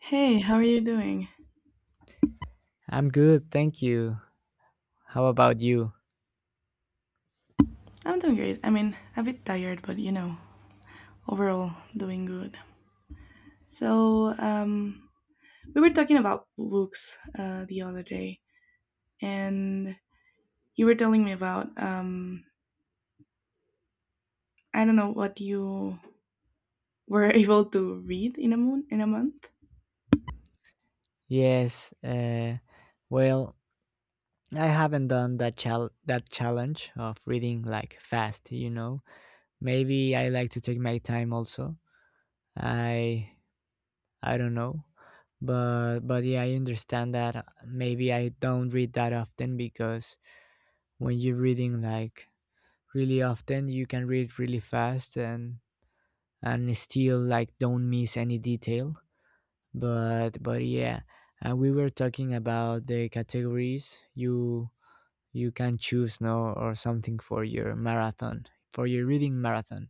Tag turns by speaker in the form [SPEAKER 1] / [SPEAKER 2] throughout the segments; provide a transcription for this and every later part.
[SPEAKER 1] Hey, how are you doing?
[SPEAKER 2] I'm good, thank you. How about you?
[SPEAKER 1] I'm doing great. I mean, a bit tired, but overall doing good. So, we were talking about books the other day, and you were telling me about I don't know what you were able to read in a moon in a month.
[SPEAKER 2] Yes, uh, well, I haven't done that challenge of reading like fast. Maybe I like to take my time also. I I don't know. But yeah, I understand that maybe I don't read that often because when you're reading like really often, you can read really fast and still like don't miss any detail. But yeah, we were talking about the categories you can choose no or something for your marathon for your reading marathon.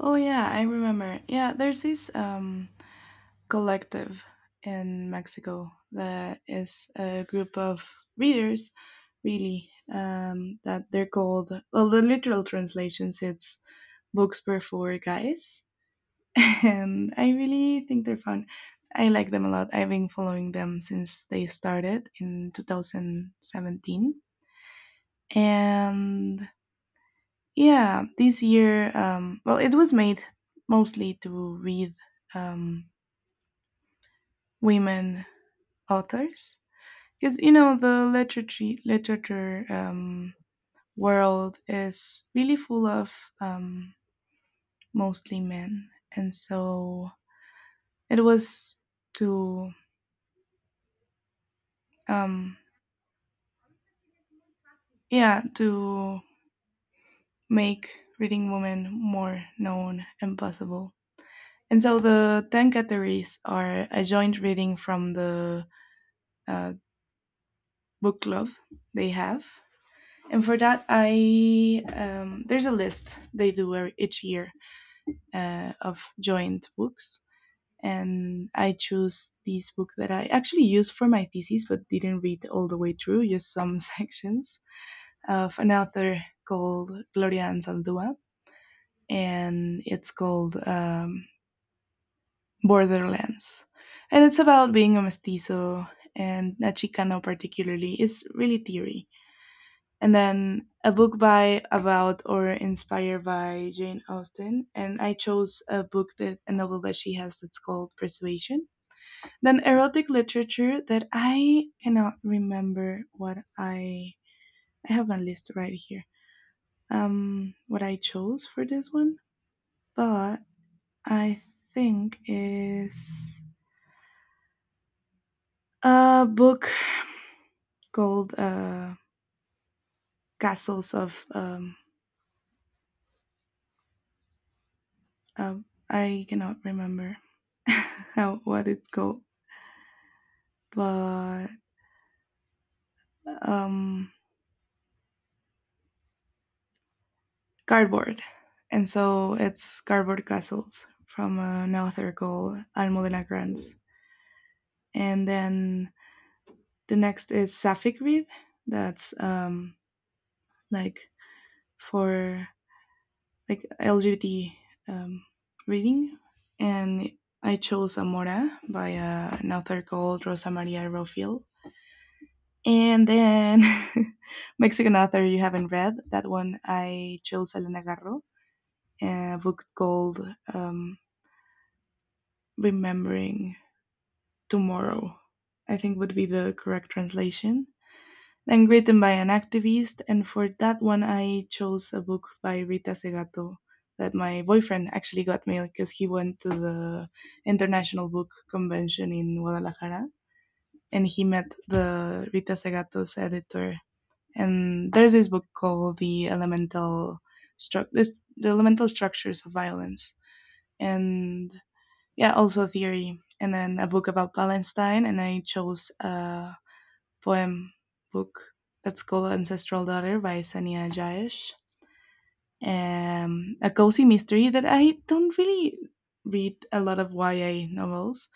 [SPEAKER 1] Oh yeah, I remember. Yeah, there's this collective in Mexico that is a group of readers, really, that they're called, well, the literal translations, it's Books Per Four Guys. And I really think they're fun. I like them a lot. I've been following them since they started in 2017. And yeah, this year, well, it was made mostly to read um, women authors because you know the literature world is really full of um, mostly men, and so it was to um, yeah to make reading women more known and possible. And so the 10 categories are a joint reading from the uh, book club they have. And for that, I there's a list they do each year of joint books, and I chose this book that I actually used for my thesis but didn't read all the way through, just some sections of an author called Gloria Anzaldúa, and it's called Borderlands. And it's about being a mestizo and a Chicano, particularly. It's really theory. And then a book by, about, or inspired by Jane Austen. And I chose a book that, a novel that she has that's called Persuasion. Then erotic literature that I cannot remember what I have a list right here. What I chose for this one, but I think is a book called "Castles of." Uh, I cannot remember how what it's called, but um, cardboard, and so it's cardboard castles from an author called Almudena Granz. And then the next is sapphic read, that's like for like LGBT um, reading, and I chose Amora by an author called Rosa Maria Rofiel. And then Mexican author you haven't read that one, I chose Elena Garro, a book called um, Remembering Tomorrow, I think would be the correct translation. And written by an activist. And for that one, I chose a book by Rita Segato that my boyfriend actually got me because he went to the International Book Convention in Guadalajara, and he met the Rita Segato's editor. And there's this book called The Elemental Structures of Violence. And yeah, also theory. And then a book about Palestine. And I chose poem book that's called Ancestral Daughter by Sania Jayesh. A cozy mystery that I don't really read a lot of YA novels,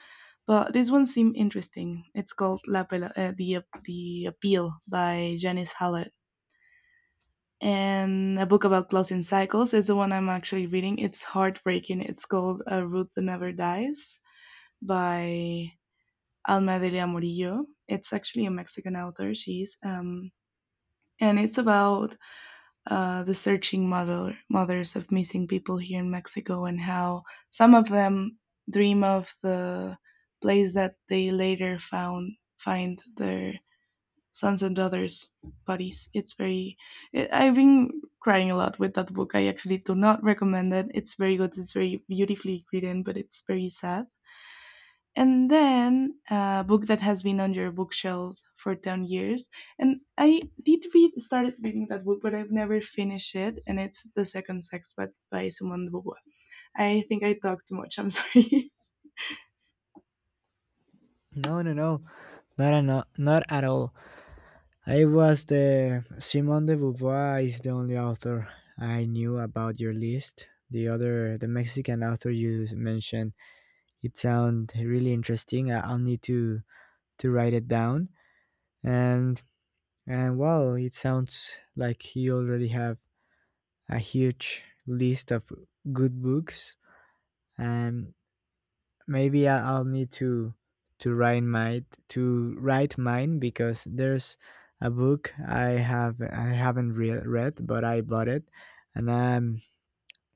[SPEAKER 1] but this one seemed interesting. It's called the Appeal by Janice Hallett. And a book about closing cycles is the one I'm actually reading. It's heartbreaking. It's called A Root That Never Dies by Alma Delia Murillo. It's actually a Mexican author. She's And it's about the searching mother, mothers of missing people here in Mexico, and how some of them dream of the place that they later found find their sons and daughters' bodies. It's very. I've been crying a lot with that book. I actually do not recommend it. It's very good. It's very beautifully written, but it's very sad. And then a book that has been on your bookshelf for 10 years. And I did read started reading that book, but I've never finished it, and it's The Second Sex but by Simone de Beauvoir. I think I talked too much. I'm sorry.
[SPEAKER 2] No, not at all. I was the Simone de Beauvoir is the only author I knew about your list. The other, the Mexican author you mentioned, it sound really interesting. I'll need to write it down, and and well, it sounds like you already have a huge list of good books, and maybe I'll need to write my to write mine because there's a book I have I haven't read, but I bought it, and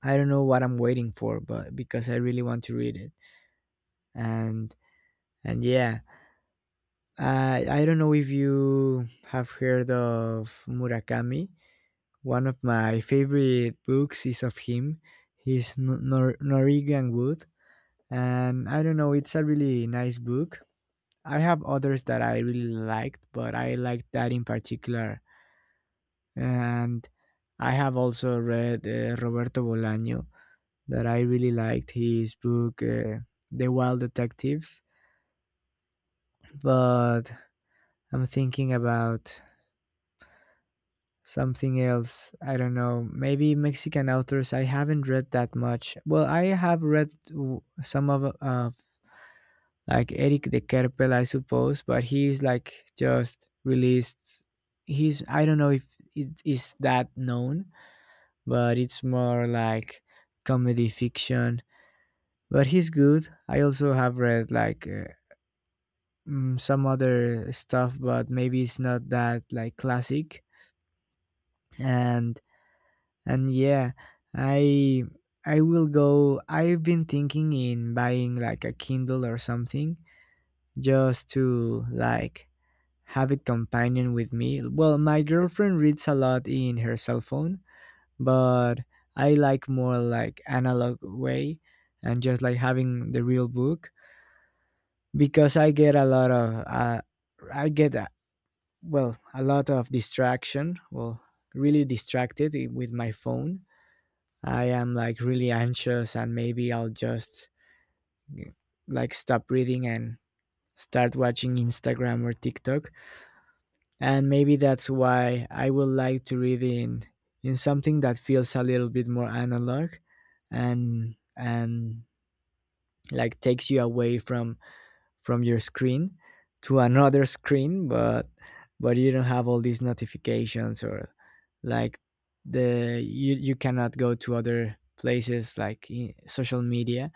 [SPEAKER 2] I don't know what I'm waiting for, but because I really want to read it, and and yeah, I don't know if you have heard of Murakami. One of my favorite books is of him. He's Norwegian Wood, and I don't know, it's a really nice book. I have others that I really liked, but I liked that in particular. And I have also read Roberto Bolaño, that I really liked his book, The Wild Detectives. But I'm thinking about something else. I don't know, maybe Mexican authors. I haven't read that much. Well, I have read some of like Eric de Kerpel, I suppose, but he's like just released. He's I don't know if it is that known, but it's more like comedy fiction. But he's good. I also have read like some other stuff, but maybe it's not that like classic. And and yeah, I I will go. I've been thinking in buying like a Kindle or something just to like habit companion with me. Well, my girlfriend reads a lot in her cell phone, but I like more like analog way and just like having the real book because I get a lot of I get well a lot of distraction. Well, really distracted with my phone. I am like really anxious and maybe I'll just like stop reading and start watching Instagram or TikTok, and maybe that's why I would like to read in something that feels a little bit more analog and like takes you away from your screen to another screen, but you don't have all these notifications or like the you cannot go to other places like in social media.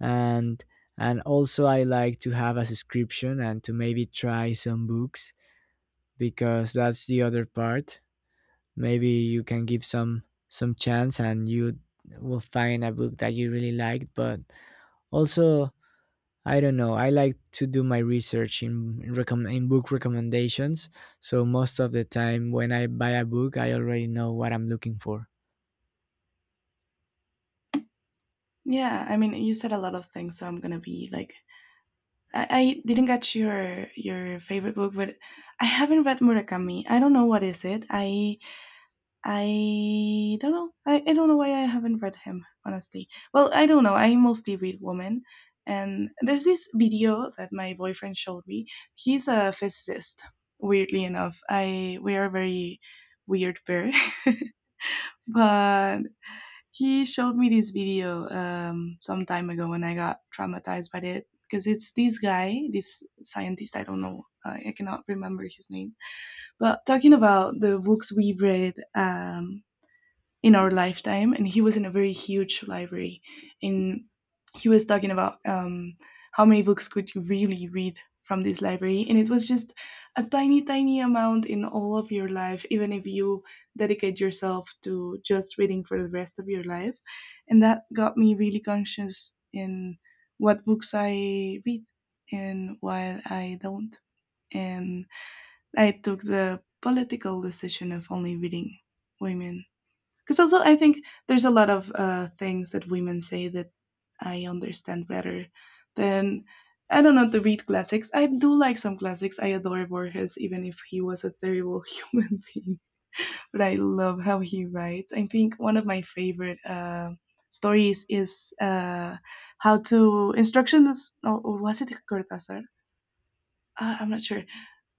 [SPEAKER 2] and and also I like to have a subscription and to maybe try some books because that's the other part. Maybe you can give some chance and you will find a book that you really liked, but also I don't know, I like to do my research in in book recommendations. So most of the time when I buy a book, I already know what I'm looking for.
[SPEAKER 1] Yeah, I mean, you said a lot of things, so I'm gonna be like, I didn't get your favorite book, but I haven't read Murakami. I don't know what is it. I don't know. I don't know why I haven't read him, honestly. Well, I don't know. I mostly read women. And there's this video that my boyfriend showed me. He's a physicist, weirdly enough. I We are a very weird pair. But he showed me this video some time ago, and I got traumatized by it because it's this guy, this scientist, I don't know, I cannot remember his name, but talking about the books we read in our lifetime, and he was in a very huge library, and he was talking about how many books could you really read from this library, and it was just a tiny, tiny amount in all of your life, even if you dedicate yourself to just reading for the rest of your life. And that got me really conscious in what books I read and while I don't. And I took the political decision of only reading women, because also, I think there's a lot of things that women say that I understand better than I don't know to read classics. I do like some classics. I adore Borges, even if he was a terrible human being. But I love how he writes. I think one of my favorite stories is how to instructions. Or was it Cortázar? I'm not sure,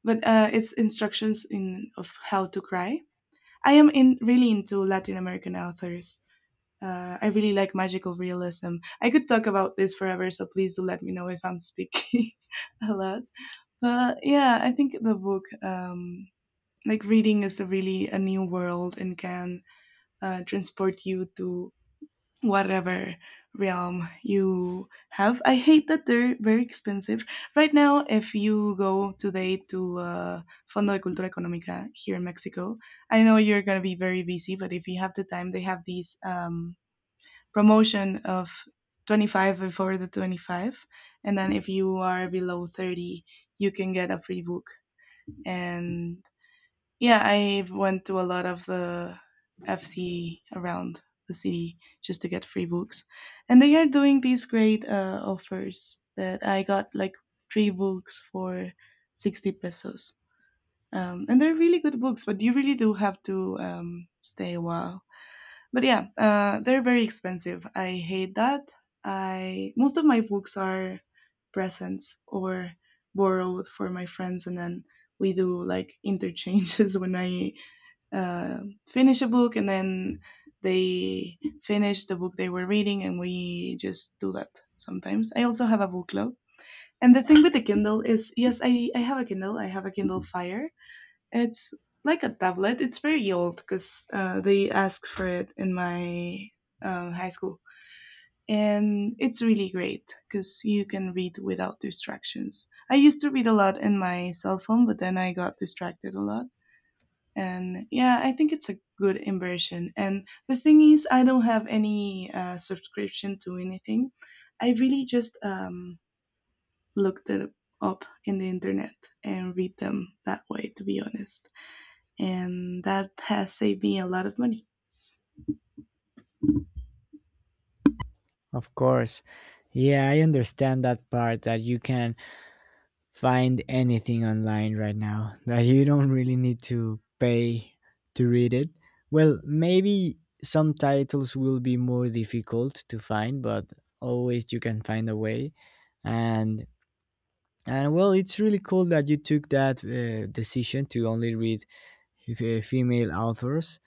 [SPEAKER 1] but it's instructions in of how to cry. I am in really into Latin American authors, I really like magical realism. I could talk about this forever, so please do let me know if I'm speaking a lot. But yeah, I think the book, like reading, is a really a new world and can transport you to whatever realm you have. I hate that they're very expensive. Right now, if you go today to Fondo de Cultura Económica here in Mexico, I know you're going to be very busy, but if you have the time, they have these. Promotion of 25 before the 25, and then if you are below 30 you can get a free book. And yeah, I went to a lot of the FC around the city just to get free books, and they are doing these great offers that I got like three books for 60 pesos. And they're really good books, but you really do have to stay a while. But yeah, they're very expensive. I hate that. I Most of my books are presents or borrowed for my friends, and then we do like interchanges when I uh, finish a book, and then they finish the book they were reading, and we just do that sometimes. I also have a book club. And the thing with the Kindle is, yes, I have a Kindle. I have a Kindle Fire, it's like a tablet. It's very old because they asked for it in my high school. And it's really great because you can read without distractions. I used to read a lot in my cell phone, but then I got distracted a lot. And yeah, I think it's a good inversion. And the thing is, I don't have any subscription to anything. I really just looked it up in the internet and read them that way, to be honest, and that has saved me a lot of money.
[SPEAKER 2] Of course. Yeah, I understand that part that you can find anything online right now that you don't really need to pay to read it. Well, maybe some titles will be more difficult to find, but always you can find a way. And and well, it's really cool that you took that decision to only read female authors.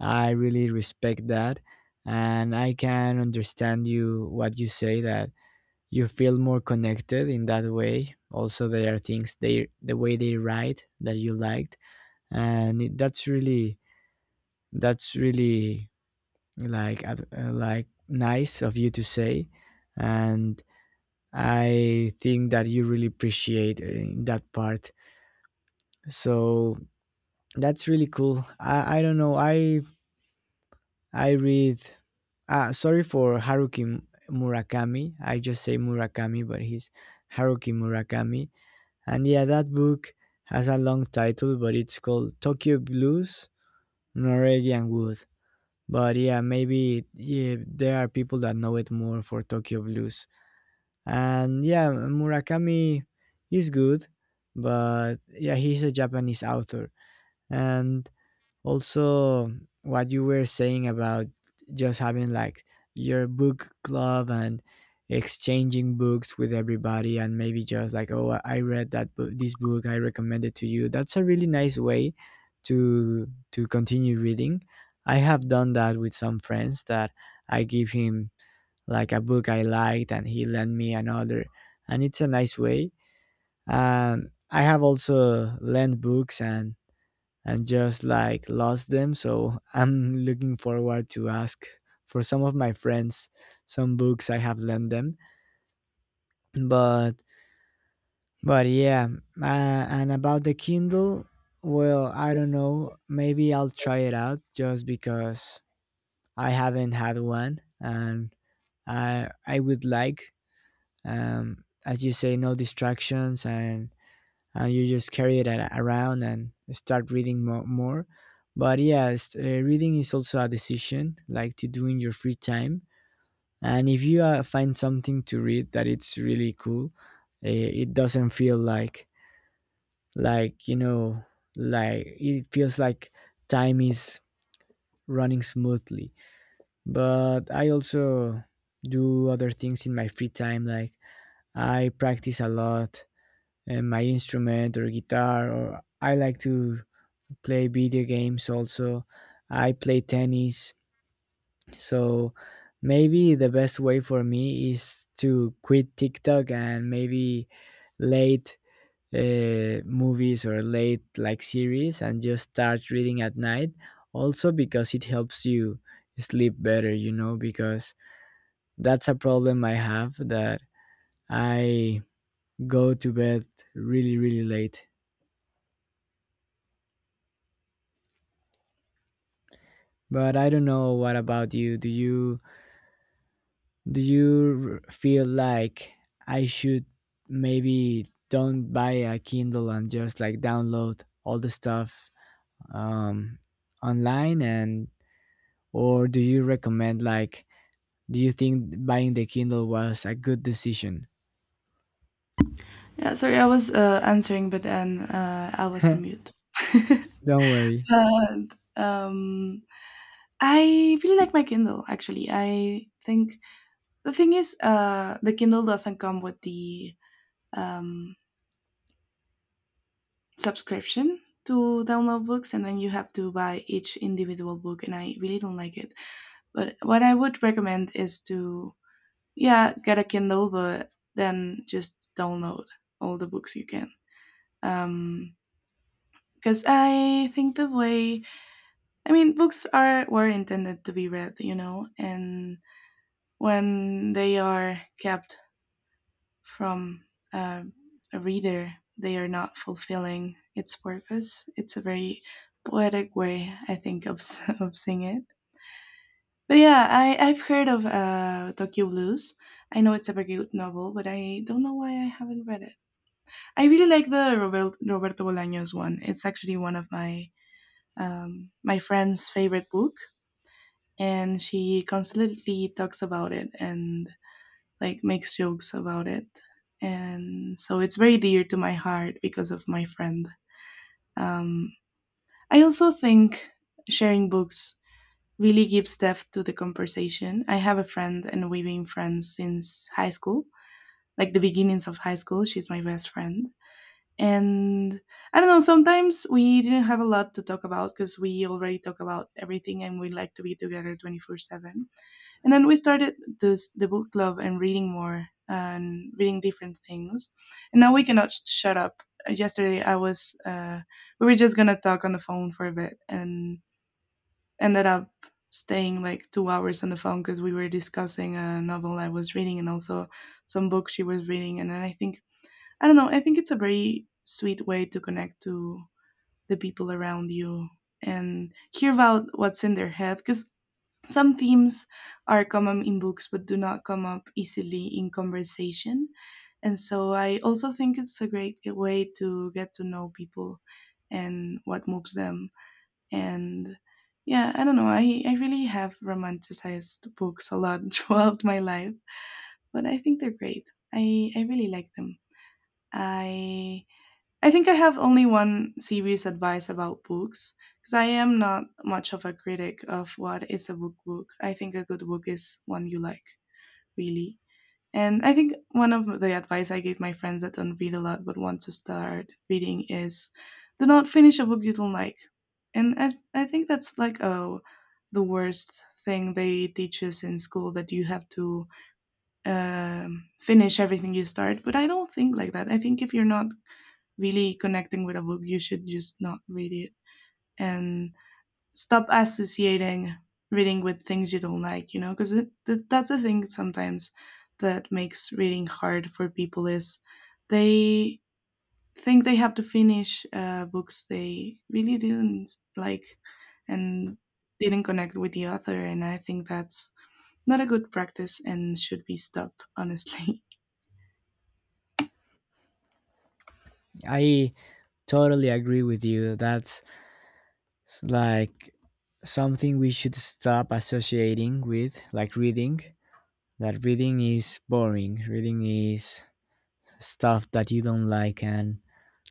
[SPEAKER 2] I really respect that, and I can understand you what you say that you feel more connected in that way. Also there are things they the way they write that you liked, and that's really like like nice of you to say. And I think that you really appreciate that part. So that's really cool. I don't know, I read, sorry, for Haruki Murakami, I just say Murakami, but he's Haruki Murakami. And yeah, that book has a long title, but it's called Tokyo Blues, Noregi and Wood. But yeah, maybe yeah, there are people that know it more for Tokyo Blues. And yeah, Murakami is good, but yeah, he's a Japanese author. And also what you were saying about just having like your book club and exchanging books with everybody, and maybe just like oh, I read that book, this book, I recommend it to you, that's a really nice way to continue reading. I have done that with some friends that I give him like a book I liked and he lent me another, and it's a nice way. I have also lent books and just like lost them. So I'm looking forward to ask for some of my friends some books I have lent them. But but yeah, and about the Kindle, well, I don't know. Maybe I'll try it out just because I haven't had one, and I would like, as you say, no distractions, and you just carry it around and start reading more. But yes, reading is also a decision, like to do in your free time. And if you find something to read that it's really cool, uh, it doesn't feel like you know like it feels like time is running smoothly. But I also do other things in my free time, like I practice a lot my instrument or guitar, or I like to play video games also. I play tennis. So maybe the best way for me is to quit TikTok and maybe late movies or late like series and just start reading at night. Also because it helps you sleep better, you know, because that's a problem I have that I go to bed really, really late. But I don't know what about you. Do you feel like I should maybe don't buy a Kindle and just like download all the stuff um, online, and or do you recommend like do you think buying the Kindle was a good decision?
[SPEAKER 1] Yeah, sorry, I was answering, but then I was on mute.
[SPEAKER 2] Don't worry.
[SPEAKER 1] And I really like my Kindle. Actually, I think the thing is, the Kindle doesn't come with the um, subscription to download books, and then you have to buy each individual book, and I really don't like it. But what I would recommend is to yeah, get a Kindle, but then just download all the books you can. Um, because I think the way I mean books are were intended to be read, and when they are kept from uh, a reader, they are not fulfilling its purpose. It's a very poetic way, I think, of seeing it. But yeah, I've heard of Tokyo Blues. I know it's a very good novel, but I don't know why I haven't read it. I really like the Roberto Bolaños one. It's actually one of my friend's favorite book, and she constantly talks about it and like makes jokes about it. And so it's very dear to my heart because of my friend. Um, I also think sharing books really gives depth to the conversation. I have a friend, and we've been friends since high school, like the beginnings of high school. She's my best friend and I don't know, sometimes we didn't have a lot to talk about because we already talk about everything and we like to be together 24/7. And then we started this the book club and reading more and reading different things, and now we cannot shut up. Yesterday I was we were just gonna talk on the phone for a bit and ended up staying like 2 hours on the phone because we were discussing a novel I was reading, and also some books she was reading. And then I don't know. I think it's a very sweet way to connect to the people around you and hear about what's in their head, because some themes are common in books but do not come up easily in conversation. And so I also think it's a great way to get to know people and what moves them. And yeah, I don't know. I really have romanticized books a lot throughout my life, but I think they're great. I really like them. I I think I have only one serious advice about books, because I am not much of a critic of what is a book book. I think a good book is one you like, really. And I think one of the advice I give my friends that don't read a lot but want to start reading is, do not finish a book you don't like. And I think that's like, oh, the worst thing they teach us in school, that you have to finish everything you start. But I don't think like that. I think if you're not really connecting with a book, you should just not read it, and stop associating reading with things you don't like, you know, because that's the thing sometimes that makes reading hard for people is they think they have to finish books they really didn't like and didn't connect with the author. And I think that's not a good practice and should be stopped, honestly.
[SPEAKER 2] I totally agree with you. That's like something we should stop associating with like reading, that reading is boring, reading is stuff that you don't like. And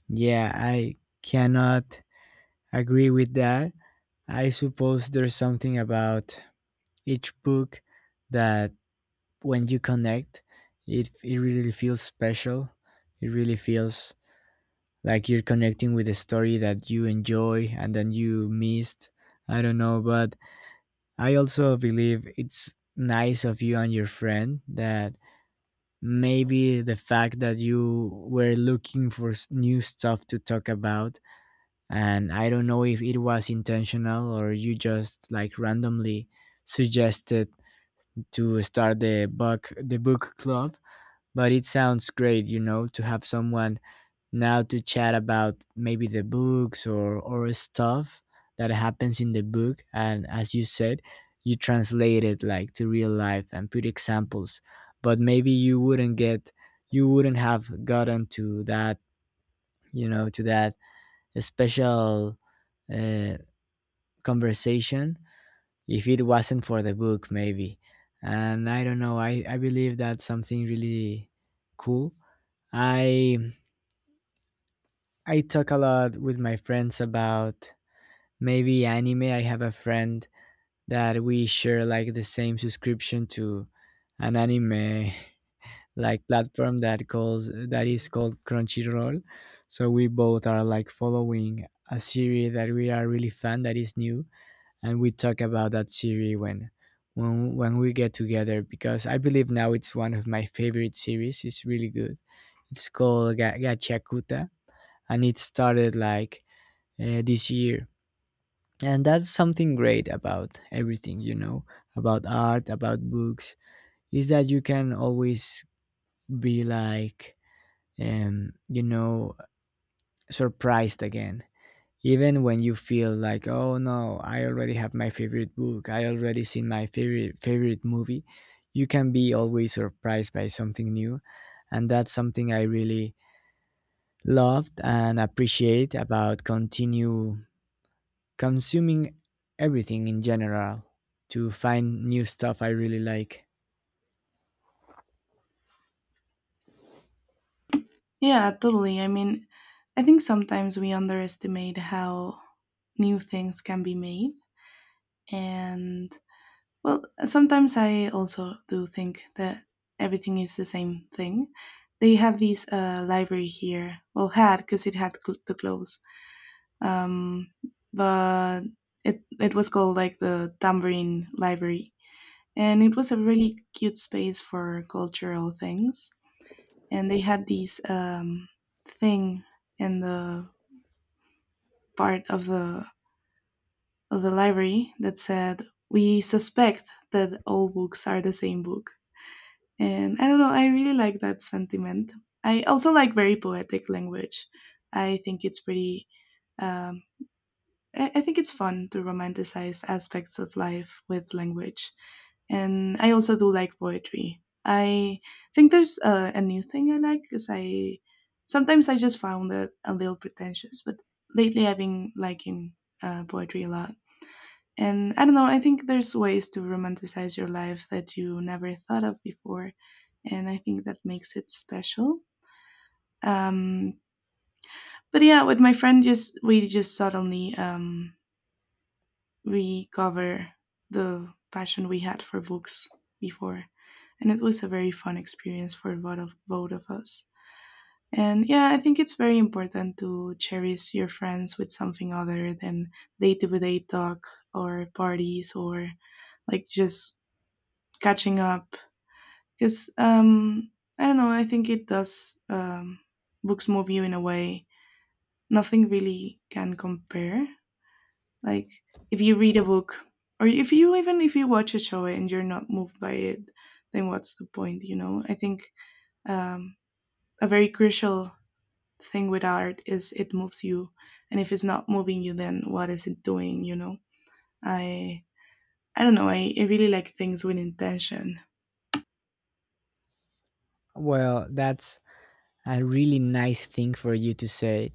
[SPEAKER 2] yeah, I cannot agree with that. I suppose there's something about each book that when you connect, it really feels special. It really feels like you're connecting with a story that you enjoy and then you missed. I don't know, but I also believe it's nice of you and your friend that maybe the fact that you were looking for new stuff to talk about, and I don't know if it was intentional or you just like randomly suggested to start the book club, but it sounds great, you know, to have someone now to chat about maybe the books or stuff that happens in the book, and as you said, you translate it like to real life and put examples, but maybe you wouldn't get you wouldn't have gotten to that you know to that special uh, conversation if it wasn't for the book maybe. And I don't know, I believe that's something really cool. I i talk a lot with my friends about maybe anime. I have a friend that we share like the same subscription to an anime like platform that calls that is called Crunchyroll. So we both are like following a series that we are really fan that is new, and we talk about that series when when we get together, because I believe now it's one of my favorite series. It's really good. It's called Gachakuta, and it started like this year. And that's something great about everything, you know, about art, about books, is that you can always be like you know surprised again, even when you feel like oh no, I already have my favorite book, I already seen my favorite movie, you can be always surprised by something new. And that's something I really loved and appreciate about continue consuming everything in general to find new stuff I really like.
[SPEAKER 1] Yeah, totally. I mean, I think sometimes we underestimate how new things can be made. And, well, sometimes I also do think that everything is the same thing. They have this library here, well, had, because it had to close. Um, but it was called like the Tambourine Library. And it was a really cute space for cultural things. And they had this thing in the part of the library that said, we suspect that all books are the same book. And I don't know, I really like that sentiment. I also like very poetic language. I think it's pretty, um, I think it's fun to romanticize aspects of life with language. And I also do like poetry. I think there's a new thing I like, because I sometimes I just found it a little pretentious, but lately I've been liking poetry a lot. And I don't know, I think there's ways to romanticize your life that you never thought of before. And I think that makes it special. Um, but yeah, with my friend, just we just suddenly recover the passion we had for books before. And it was a very fun experience for both of us. And yeah, I think it's very important to cherish your friends with something other than day to day talk, or parties, or like just catching up, because I don't know. I think it does, books move you in a way nothing really can compare. Like if you read a book, or if you even if you watch a show and you're not moved by it, then what's the point? You know. I think, um, a very crucial thing with art is it moves you, and if it's not moving you, then what is it doing? You know. I I don't know. I really like things with intention.
[SPEAKER 2] Well, that's a really nice thing for you to say.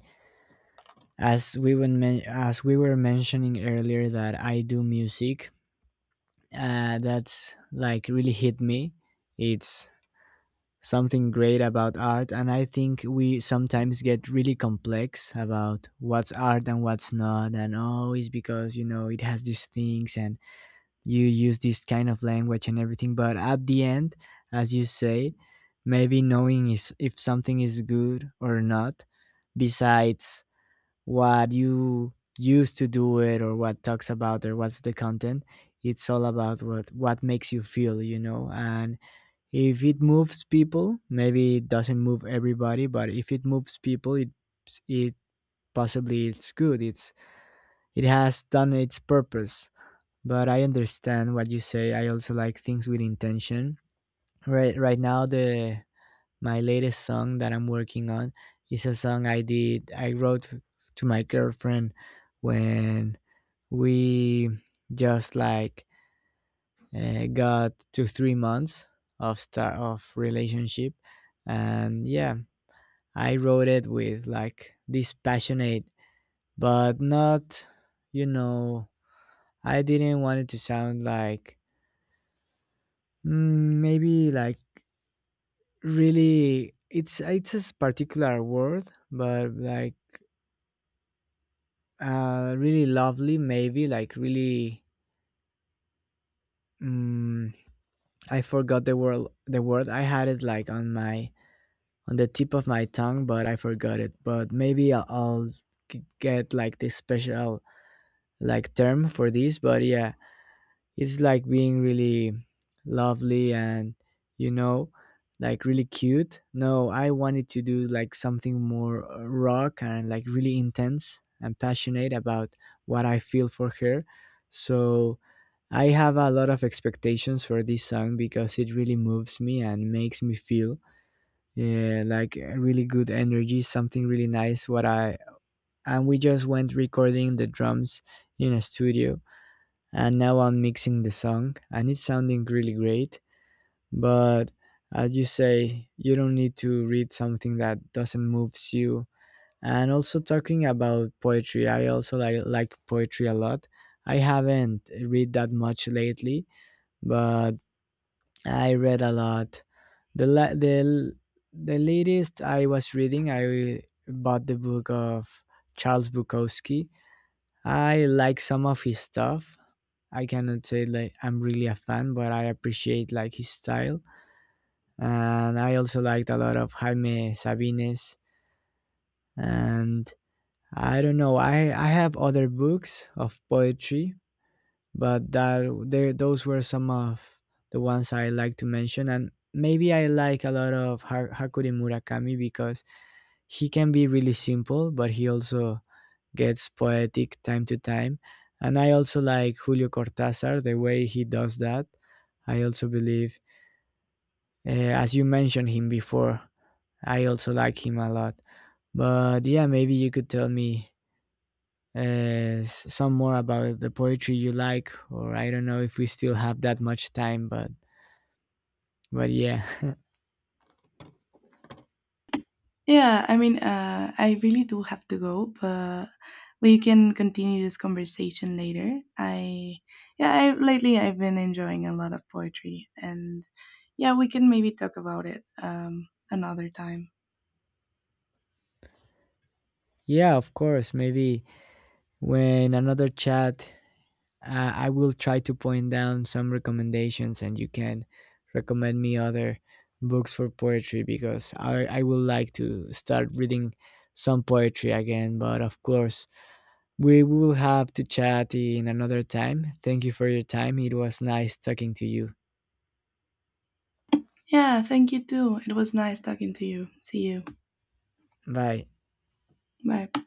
[SPEAKER 2] As we were as we were mentioning earlier that I do music, that's like really hit me. It's something great about art, and I think we sometimes get really complex about what's art and what's not, and oh, it's because you know it has these things and you use this kind of language and everything, but at the end, as you say, maybe knowing is if something is good or not, besides what you used to do it or what talks about or what's the content, it's all about what makes you feel, you know. And if it moves people, maybe it doesn't move everybody, but if it moves people, it possibly it's good, it's it has done its purpose. But I understand what you say. I also like things with intention. Right now the my latest song that I'm working on is a song I wrote to my girlfriend when we just like got to 3 months of start of relationship. And yeah, I wrote it with like this passionate but not, you know, I didn't want it to sound like maybe like really it's a particular word, but like really lovely, maybe like really mm, I forgot the word, I had it like on my on the tip of my tongue, but I forgot it, but maybe I'll get like this special like term for this, but yeah. It's like being really lovely and, you know, like really cute. No, I wanted to do like something more rock and like really intense and passionate about what I feel for her. So I have a lot of expectations for this song because it really moves me and makes me feel yeah, like a really good energy, something really nice. What I And we just went recording the drums in a studio, and now I'm mixing the song and it's sounding really great. But as you say, you don't need to read something that doesn't moves you. And also talking about poetry, I also like poetry a lot. I haven't read that much lately, but I read a lot. The la- the l- The latest I was reading, I bought the book of Charles Bukowski. I like some of his stuff, I cannot say like I'm really a fan, but I appreciate like his style. And I also liked a lot of Jaime Sabines. And I don't know, I have other books of poetry, but that there those were some of the ones I like to mention. And maybe I like a lot of Hakuri Murakami because he can be really simple, but he also gets poetic time to time. And I also like Julio Cortázar, the way he does that. I also believe, as you mentioned him before, I also like him a lot. But yeah, maybe you could tell me some more about the poetry you like, or I don't know if we still have that much time, but yeah.
[SPEAKER 1] Yeah, I mean, I really do have to go, but we can continue this conversation later. Yeah, I, lately I've been enjoying a lot of poetry, and yeah, we can maybe talk about it another time.
[SPEAKER 2] Yeah, of course. Maybe when another chat, I will try to point down some recommendations and you can recommend me other books for poetry because I would like to start reading some poetry again. But of course, we will have to chat in another time. Thank you for your time. It was nice talking to you.
[SPEAKER 1] Yeah, thank you too. It was nice talking to you. See you.
[SPEAKER 2] Bye.
[SPEAKER 1] Bye.